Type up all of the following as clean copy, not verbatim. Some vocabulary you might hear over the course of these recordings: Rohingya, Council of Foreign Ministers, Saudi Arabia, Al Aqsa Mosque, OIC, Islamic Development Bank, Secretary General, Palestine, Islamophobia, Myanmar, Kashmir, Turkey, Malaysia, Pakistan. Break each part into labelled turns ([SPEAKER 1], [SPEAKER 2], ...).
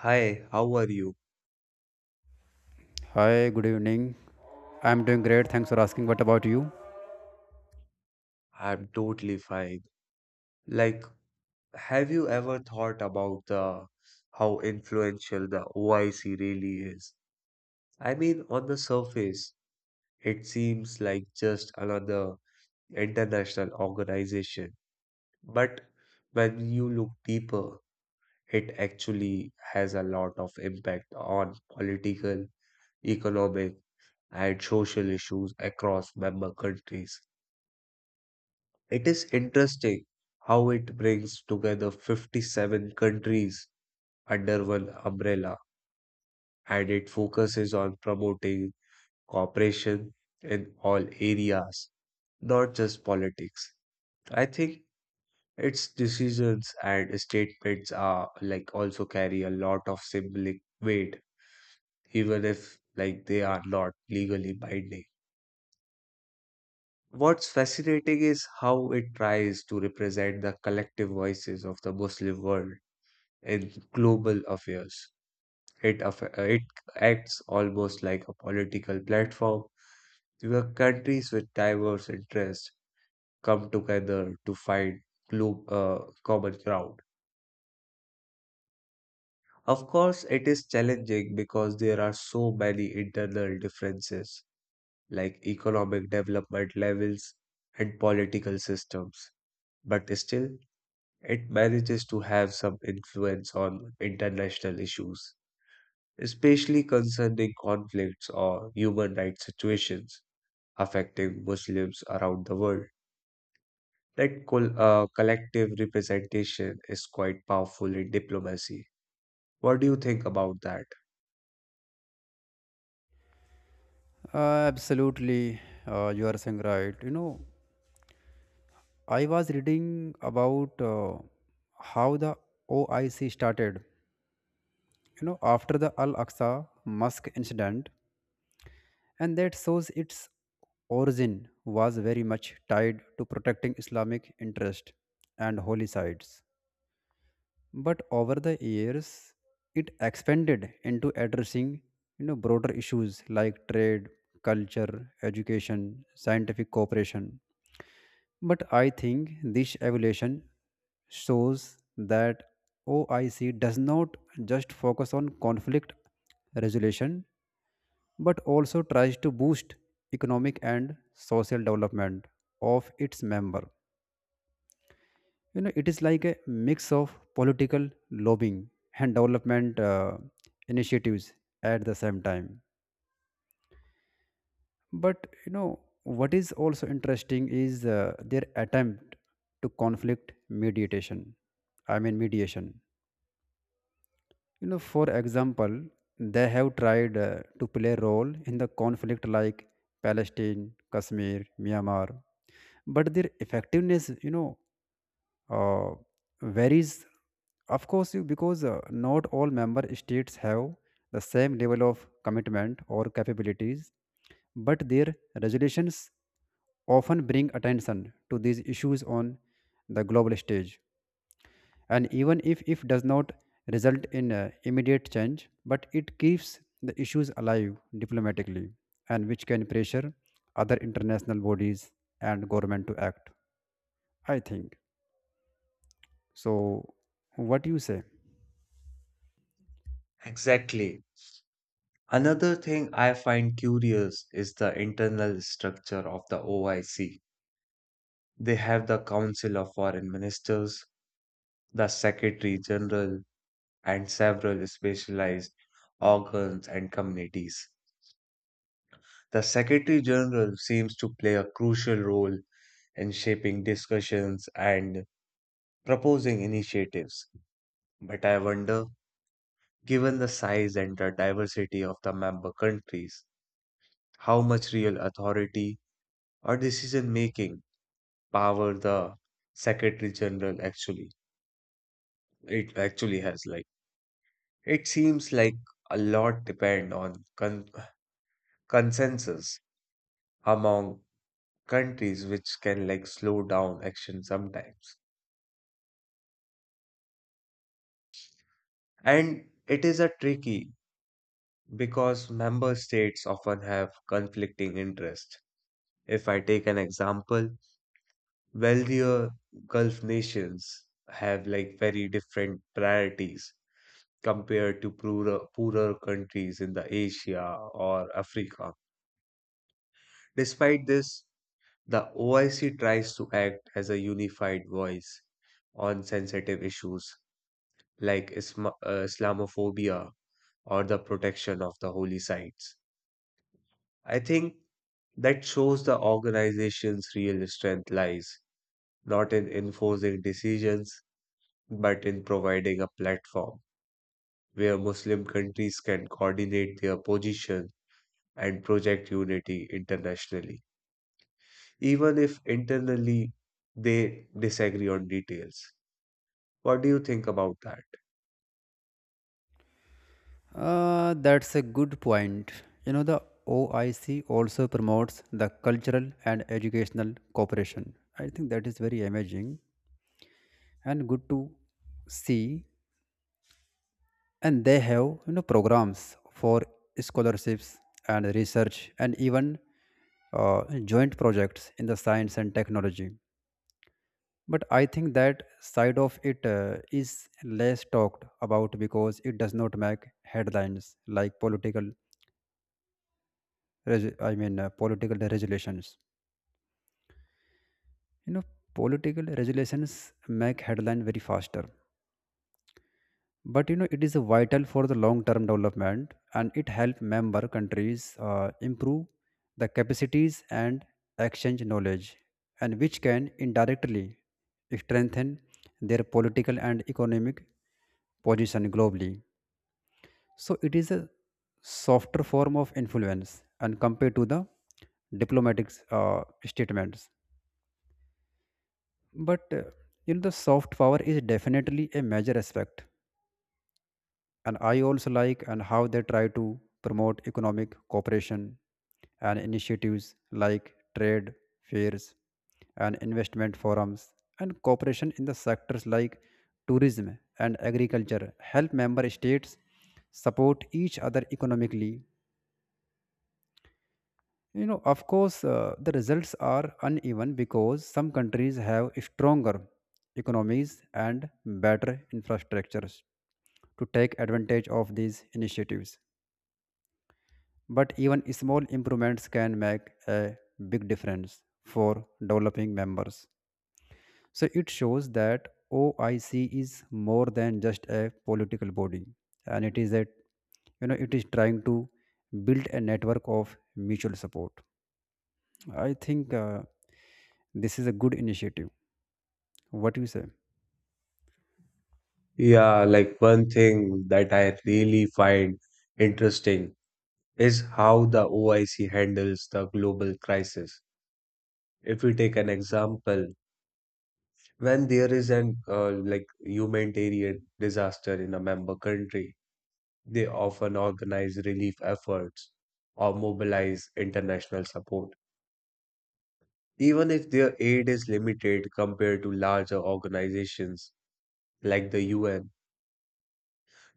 [SPEAKER 1] Hi, how are you?
[SPEAKER 2] Hi, good evening. I'm doing great. Thanks for asking. What about you?
[SPEAKER 1] I'm totally fine. Like, have you ever thought about the how influential the OIC really is? I mean, on the surface, it seems like just another international organization, but when you look deeper, it actually has a lot of impact on political, economic, and social issues across member countries. It is interesting how it brings together 57 countries under one umbrella and it focuses on promoting cooperation in all areas, not just politics. I think its decisions and statements are like also carry a lot of symbolic weight, even if like they are not legally binding. What's fascinating is how it tries to represent the collective voices of the Muslim world in global affairs. It acts almost like a political platform where countries with diverse interests come together to find common ground. Of course, it is challenging because there are so many internal differences, like economic development levels and political systems, but still, it manages to have some influence on international issues, especially concerning conflicts or human rights situations affecting Muslims around the world. That collective representation is quite powerful in diplomacy. What do you think about that?
[SPEAKER 2] Absolutely. You are saying right. You know, I was reading about how the OIC started, you know, after the Al Aqsa Mosque incident, and that shows its origin was very much tied to protecting Islamic interest and holy sites. But over the years it expanded into addressing, you know, broader issues like trade, culture, education, scientific cooperation. But I think this evolution shows that OIC does not just focus on conflict resolution, but also tries to boost economic and social development of its member. You know, it is like a mix of political lobbying and development initiatives at the same time. But you know what is also interesting is their attempt to conflict mediation, I mean mediation. You know, for example, they have tried to play a role in the conflict like Palestine, Kashmir, Myanmar. But their effectiveness, you know, uh, varies, of course, because not all member states have the same level of commitment or capabilities. But their resolutions often bring attention to these issues on the global stage, and even if does not result in immediate change, but it keeps the issues alive diplomatically, and which can pressure other international bodies and government to act, I think. So, what you say?
[SPEAKER 1] Exactly. Another thing I find curious is the internal structure of the OIC. They have the Council of Foreign Ministers, the Secretary General, and several specialized organs and committees. The Secretary General seems to play a crucial role in shaping discussions and proposing initiatives. But I wonder, given the size and the diversity of the member countries, how much real authority or decision making power the Secretary General actually has. Like it seems like a lot depend on consensus among countries, which can like slow down action sometimes. And it is a tricky because member states often have conflicting interests. If I take an example, wealthier Gulf nations have like very different priorities compared to poorer countries in the Asia or Africa. Despite this, the OIC tries to act as a unified voice on sensitive issues like Islamophobia or the protection of the holy sites. I think that shows the organization's real strength lies not in enforcing decisions, but in providing a platform where Muslim countries can coordinate their position and project unity internationally, even if internally they disagree on details. What do you think about that?
[SPEAKER 2] That's a good point. You know, the OIC also promotes the cultural and educational cooperation. I think that is very amazing and good to see. And they have, you know, programs for scholarships and research and even joint projects in the science and technology. But I think that side of it is less talked about because it does not make headlines like political political resolutions, you know, political resolutions make headline very faster. But you know it is vital for the long term development, and it help member countries improve the capacities and exchange knowledge, and which can indirectly strengthen their political and economic position globally. So it is a softer form of influence and compared to the diplomatic statements. But you know the soft power is definitely a major aspect, and I also like and how they try to promote economic cooperation and initiatives like trade fairs and investment forums and cooperation in the sectors like tourism and agriculture help member states support each other economically. You know, of course, the results are uneven because some countries have stronger economies and better infrastructures to take advantage of these initiatives. But even small improvements can make a big difference for developing members. So it shows that OIC is more than just a political body, and it is a, you know, it is trying to build a network of mutual support, I think. This is a good initiative. What do you say?
[SPEAKER 1] Yeah, like one thing that I really find interesting is how the OIC handles the global crisis. If we take an example, when there is an like humanitarian disaster in a member country, they often organize relief efforts or mobilize international support. Even if their aid is limited compared to larger organizations like the UN,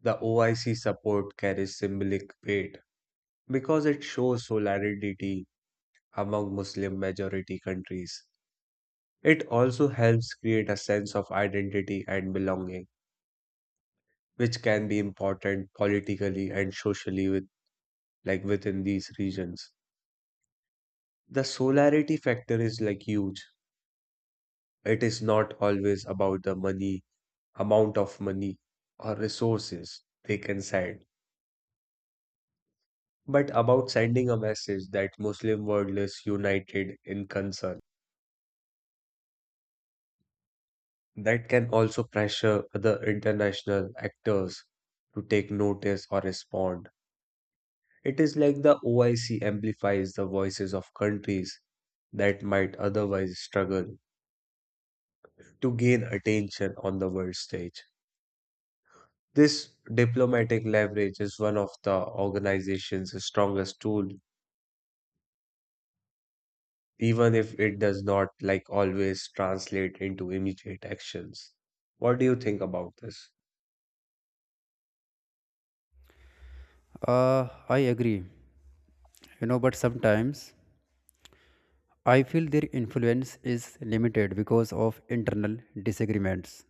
[SPEAKER 1] the OIC support carries symbolic weight because it shows solidarity among Muslim majority countries. It also helps create a sense of identity and belonging, which can be important politically and socially with like within these regions. The solarity factor is like huge. It is not always about the money, amount of money or resources they can send, but about sending a message that Muslim world is united in concern. That can also pressure other international actors to take notice or respond. It is like the OIC amplifies the voices of countries that might otherwise struggle to gain attention on the world stage. This diplomatic leverage is one of the organization's strongest tool, even if it does not like always translate into immediate actions. What do you think about this?
[SPEAKER 2] I agree. You know, but sometimes I feel their influence is limited because of internal disagreements.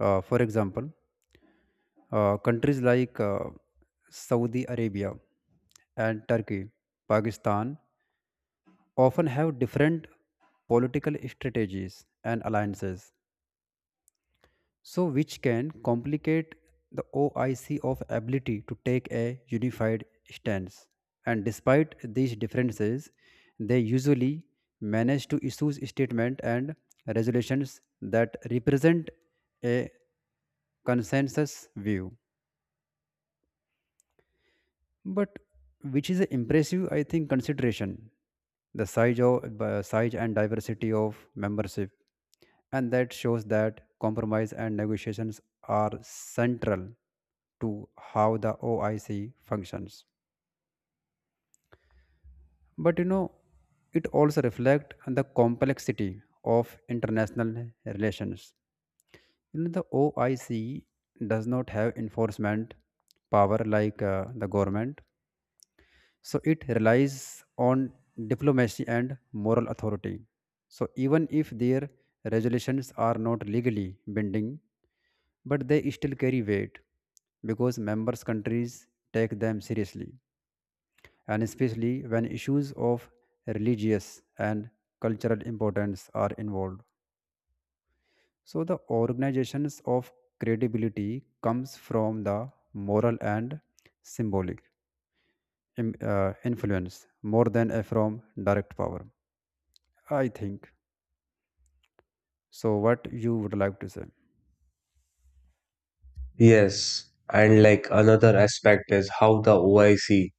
[SPEAKER 2] For example, countries like Saudi Arabia and Turkey, Pakistan often have different political strategies and alliances, so which can complicate the OIC of ability to take a unified stance. And despite these differences, they usually manage to issue statements and resolutions that represent a consensus view, but which is a impressive, I think, consideration the size of size and diversity of membership. And that shows that compromise and negotiations are central to how the OIC functions. But you know it also reflects on the complexity of international relations. You know the OIC does not have enforcement power like the government. So it relies on diplomacy and moral authority. So even if their resolutions are not legally binding, but they still carry weight because members countries take them seriously, and especially when issues of religious and cultural importance are involved. So the organizations of credibility comes from the moral and symbolic influence more than from direct power, I think. So, what you would like to say?
[SPEAKER 1] Yes, and like another aspect is how the OIC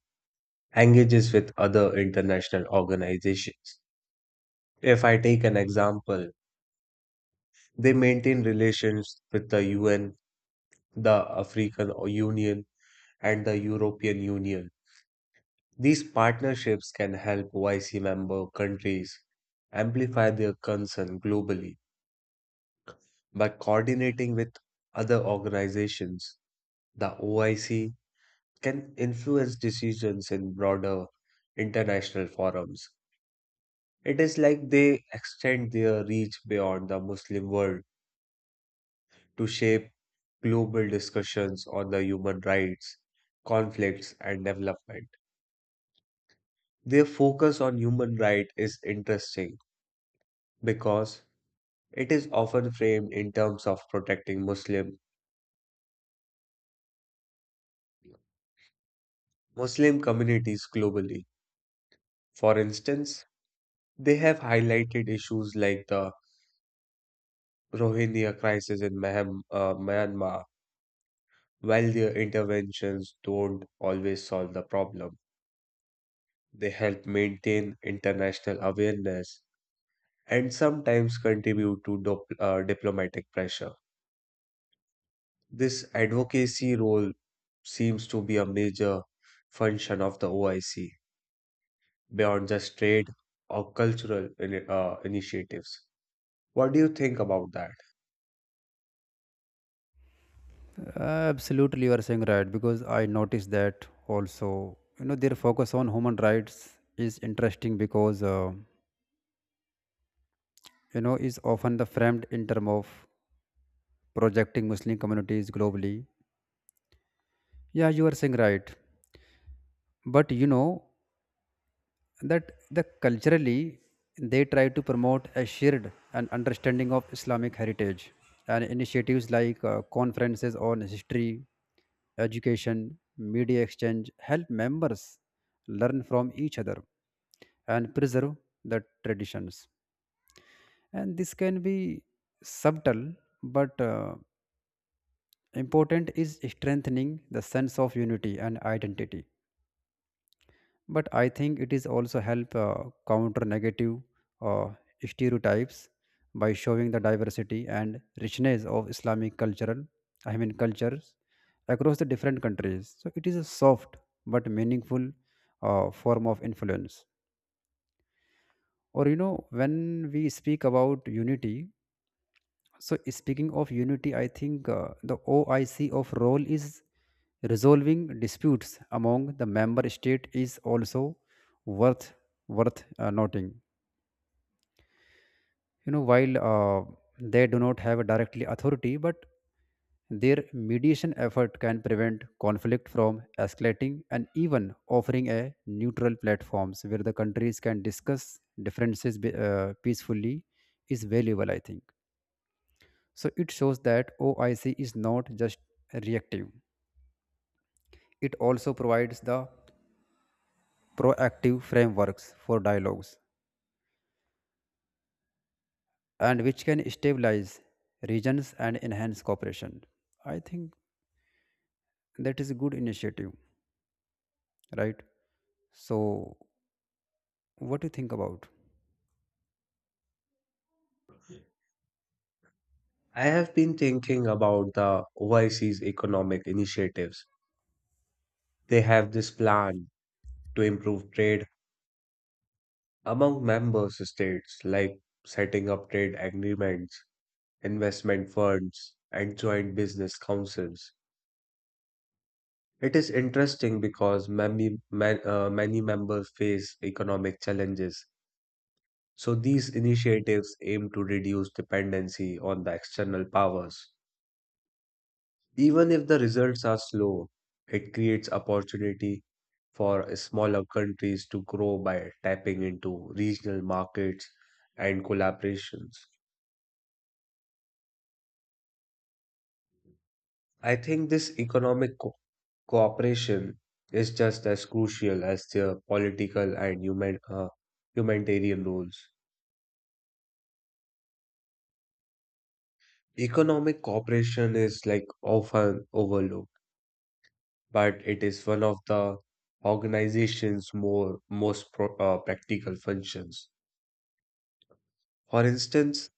[SPEAKER 1] engages with other international organizations. If I take an example, they maintain relations with the UN, the African Union, and the European Union. These partnerships can help OIC member countries amplify their concern globally. By coordinating with other organizations, the OIC can influence decisions in broader international forums. It is like they extend their reach beyond the Muslim world to shape global discussions on the human rights, conflicts, and development. Their focus on human rights is interesting because it is often framed in terms of protecting Muslim communities globally. For instance, they have highlighted issues like the Rohingya crisis in Myanmar. While their interventions don't always solve the problem, they help maintain international awareness and sometimes contribute to diplomatic pressure. This advocacy role seems to be a major function of the OIC beyond just trade or cultural initiatives. What do you think about that?
[SPEAKER 2] Absolutely, you are saying right, because I noticed that also. You know, their focus on human rights is interesting because you know is often the framed in term of projecting Muslim communities globally. Yeah, you are saying right, but you know that the culturally they try to promote a shared and understanding of Islamic heritage, and initiatives like conferences on history, education, media exchange help members learn from each other and preserve the traditions. And this can be subtle but important is strengthening the sense of unity and identity. But I think it is also help counter negative uh, stereotypes by showing the diversity and richness of islamic cultural I mean cultures across the different countries. So it is a soft but meaningful form of influence. Or you know when we speak about unity. So speaking of unity, I think the OIC of role is resolving disputes among the member state is also worth worth noting. You know, while they do not have a directly authority, but their mediation effort can prevent conflict from escalating, and even offering a neutral platforms where the countries can discuss differences peacefully is valuable, I think. So it shows that OIC is not just reactive, it also provides the proactive frameworks for dialogues, and which can stabilize regions and enhance cooperation. I think that is a good initiative, right? So, what do you think about?
[SPEAKER 1] I have been thinking about the OIC's economic initiatives. They have this plan to improve trade among member states, like setting up trade agreements, investment funds, and joint business councils. It is interesting because many members face economic challenges. So these initiatives aim to reduce dependency on the external powers. Even if the results are slow, it creates opportunity for smaller countries to grow by tapping into regional markets and collaborations. I think this cooperation is just as crucial as their political and humanitarian roles. Economic cooperation is like often overlooked, but it is one of the organization's more most pro practical functions. For instance,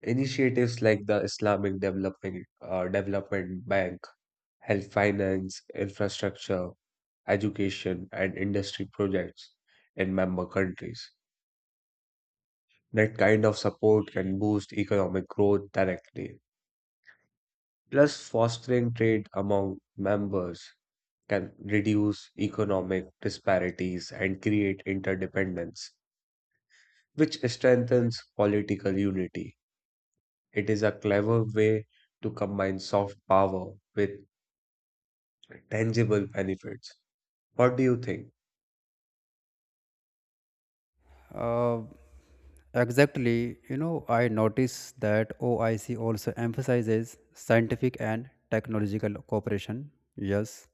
[SPEAKER 1] initiatives like the Islamic Development Bank, health finance, infrastructure, education, and industry projects in member countries. That kind of support can boost economic growth directly, plus fostering trade among members can reduce economic disparities and create interdependence, which strengthens political unity. It is a clever way to combine soft power with tangible benefits. What do you think?
[SPEAKER 2] Uh, exactly, you know, I notice that OIC also emphasizes scientific and technological cooperation. Yes,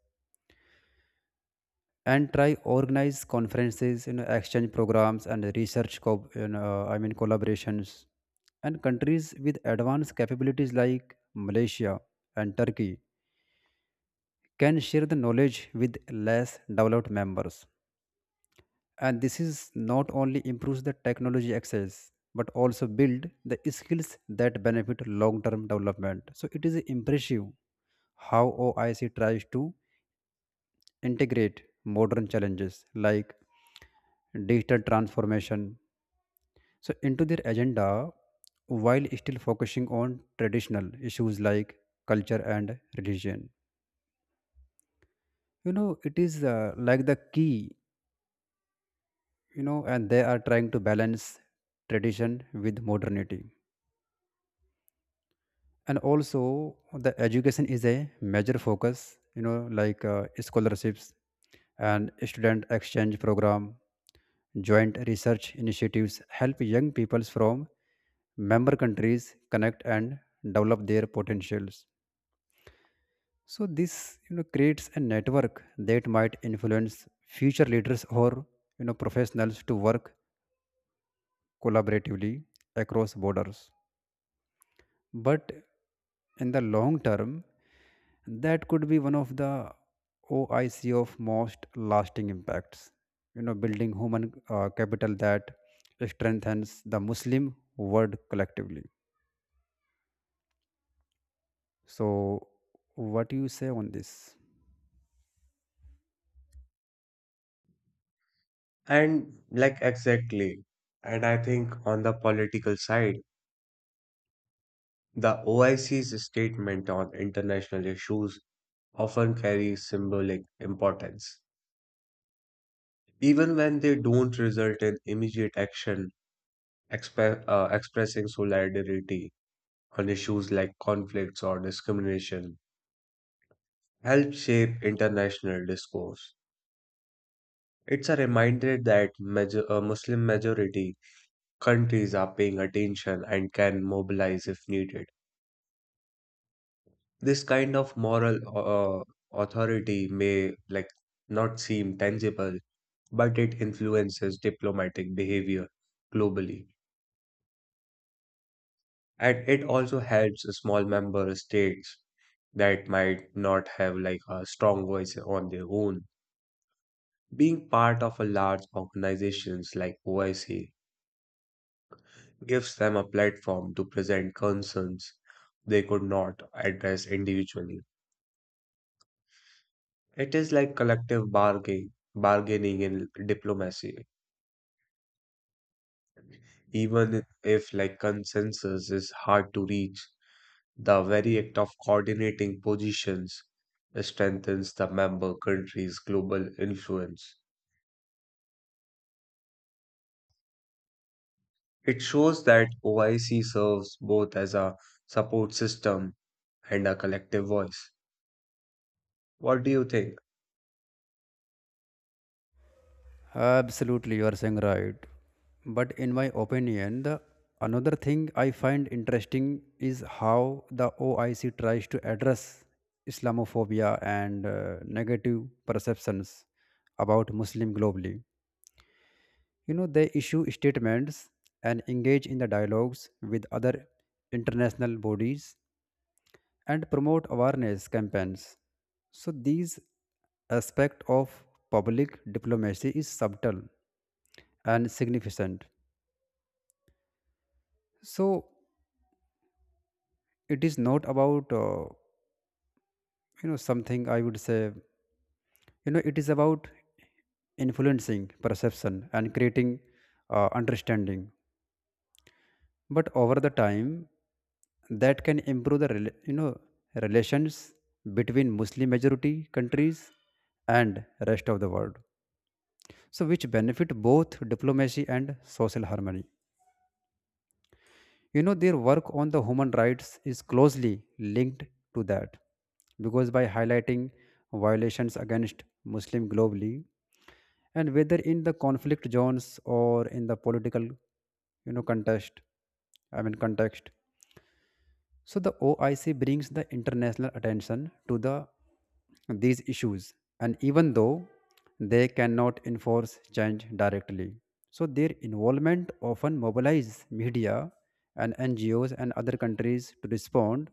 [SPEAKER 2] and try organize conferences, you know, exchange programs, and research collaborations. And countries with advanced capabilities like Malaysia and Turkey can share the knowledge with less developed members, and this is not only improves the technology access but also build the skills that benefit long term development. So it is impressive how OIC tries to integrate modern challenges like digital transformation so into their agenda, while still focusing on traditional issues like culture and religion. You know it is like the key, you know, and they are trying to balance tradition with modernity. And also the education is a major focus, you know, like scholarships and student exchange program, joint research initiatives help young peoples from member countries connect and develop their potentials. So this, you know, creates a network that might influence future leaders or, you know, professionals to work collaboratively across borders. But in the long term, that could be one of the OIC of most lasting impacts, you know, building human capital that strengthens the Muslim world collectively. So, what do you say on this?
[SPEAKER 1] And like exactly, and I think on the political side, the OIC's statement on international issues often carries symbolic importance. Even when they don't result in immediate action, expressing solidarity on issues like conflicts or discrimination helped shape international discourse. It's a reminder that Muslim majority countries are paying attention and can mobilize if needed. This kind of moral authority may like not seem tangible, but it influences diplomatic behavior globally. And it also helps small member states that might not have like a strong voice on their own. Being part of a large organizations like OIC gives them a platform to present concerns they could not address individually. It is like collective bargaining in diplomacy. Even if like consensus is hard to reach, the very act of coordinating positions strengthens the member country's global influence. It shows that OIC serves both as a support system and a collective voice. What do you think?
[SPEAKER 2] Absolutely, you are saying right. But in my opinion, the another thing I find interesting is how the OIC tries to address Islamophobia and negative perceptions about Muslim globally. You know, they issue statements and engage in the dialogues with other international bodies and promote awareness campaigns. So these aspect of public diplomacy is subtle and significant. So it is not about you know something I would say, you know, it is about influencing perception and creating understanding. But over the time that can improve the relations between Muslim majority countries and rest of the world, so which benefit both diplomacy and social harmony. You know their work on the human rights is closely linked to that, because by highlighting violations against Muslim globally, and whether in the conflict zones or in the political, you know, contest I mean context, so the OIC brings the international attention to the these issues. And even though they cannot enforce change directly, so their involvement often mobilizes media and NGOs and other countries to respond.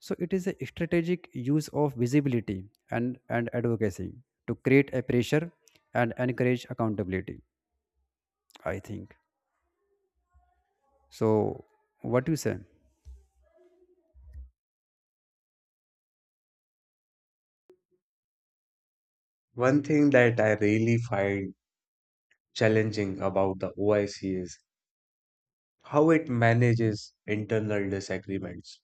[SPEAKER 2] So it is a strategic use of visibility and advocacy to create a pressure and encourage accountability, I think. So, what you say?
[SPEAKER 1] One thing that I really find challenging about the OIC is how it manages internal disagreements.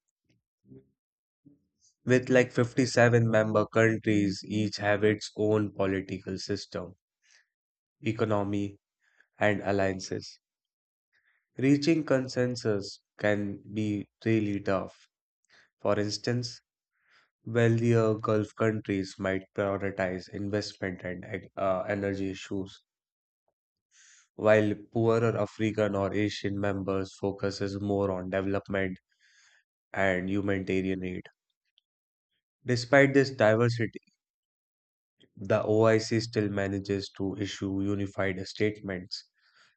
[SPEAKER 1] With like 57-member countries, each have its own political system, economy, and alliances. Reaching consensus can be really tough. For instance, wealthier Gulf countries might prioritize investment and energy issues, while poorer African or Asian members focuses more on development and humanitarian aid. Despite this diversity, the OIC still manages to issue unified statements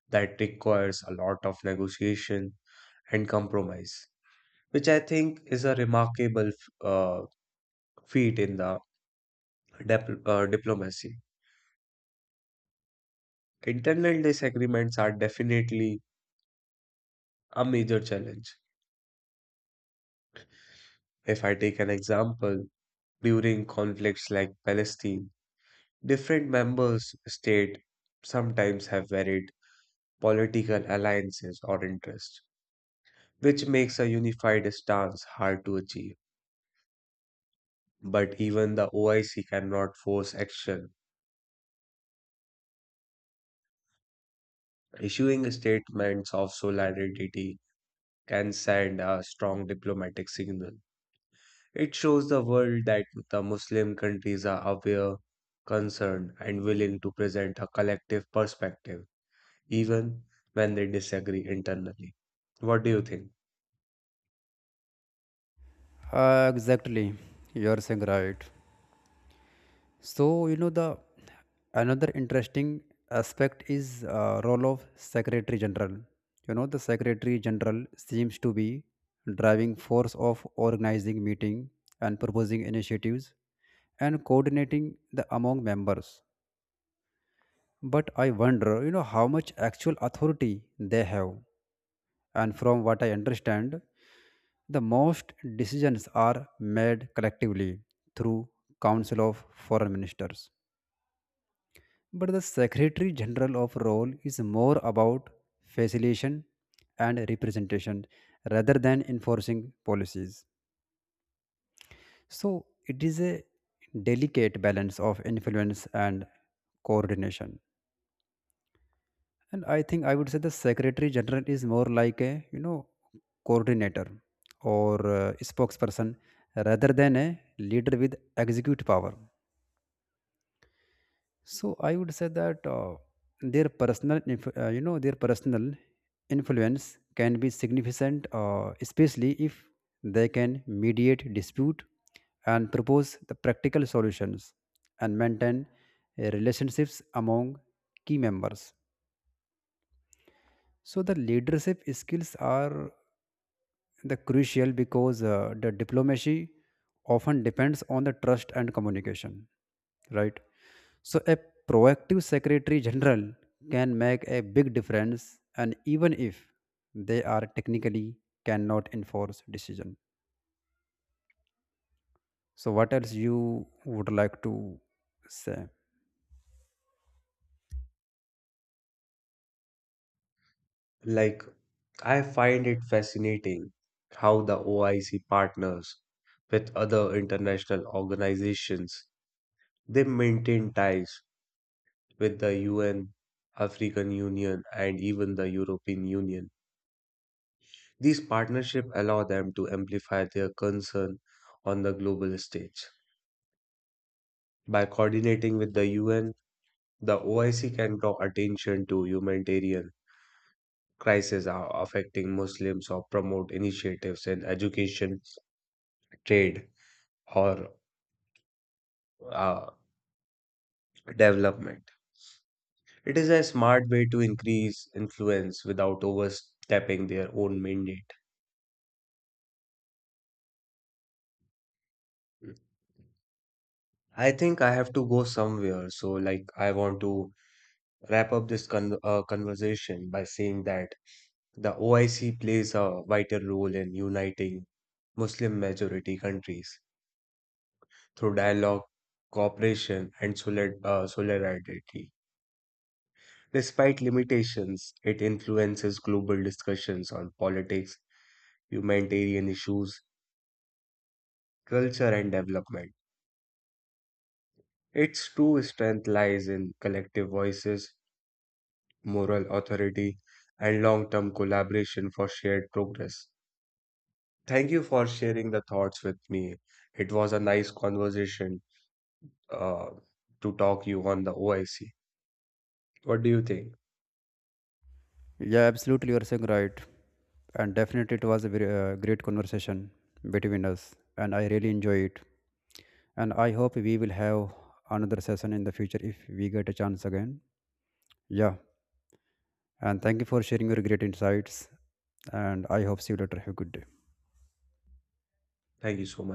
[SPEAKER 1] that requires a lot of negotiation and compromise, which I think is a remarkable feat in the diplomacy. Internal disagreements are definitely a major challenge. If I take an example, during conflicts like Palestine, different members state sometimes have varied political alliances or interests, which makes a unified stance hard to achieve. But even the OIC cannot force action. Issuing statements of solidarity can send a strong diplomatic signal. It shows the world that the Muslim countries are aware, concerned, and willing to present a collective perspective, even when they disagree internally. What do you think?
[SPEAKER 2] Exactly, you're saying right. So you know the another interesting aspect is role of Secretary General. You know the Secretary General seems to be driving force of organizing meeting and proposing initiatives and coordinating the among members. But I wonder, you know, how much actual authority they have. And from what I understand, the most decisions are made collectively through Council of Foreign Ministers. But the Secretary General of role is more about facilitation and representation rather than enforcing policies. So it is a delicate balance of influence and coordination. And I think I would say the Secretary General is more like a, you know, coordinator or spokesperson rather than a leader with execute power. So I would say that their personal, inf- you know, their personal influence can be significant, especially if they can mediate dispute and propose the practical solutions and maintain relationships among key members. So the leadership skills are the crucial because the diplomacy often depends on the trust and communication, right? So, a proactive Secretary General can make a big difference, and even if they are technically cannot enforce decision. So, what else you would like to say?
[SPEAKER 1] Like, I find it fascinating how the OIC partners with other international organizations. They maintain ties with the UN, African Union, and even the European Union. These partnerships allow them to amplify their concern on the global stage. By coordinating with the UN, the OIC can draw attention to humanitarian crises are affecting Muslims or promote initiatives in education, trade, or uh, development. It is a smart way to increase influence without overstepping their own mandate. I think I have to go somewhere, so like I want to wrap up this conversation by saying that the OIC plays a vital role in uniting Muslim majority countries through dialogue, cooperation, and solidarity. Despite limitations, it influences global discussions on politics, humanitarian issues, culture, and development. Its true strength lies in collective voices, moral authority, and long term collaboration for shared progress. Thank you for sharing the thoughts with me. It was a nice conversation uh, to talk you on the OIC. What do you think?
[SPEAKER 2] Yeah, absolutely, you are saying right, and definitely it was a very great conversation between us, and I really enjoy it. And I hope we will have another session in the future if we get a chance again. Yeah, and thank you for sharing your great insights, and I hope see you later. Have a good day.
[SPEAKER 1] Thank you so much.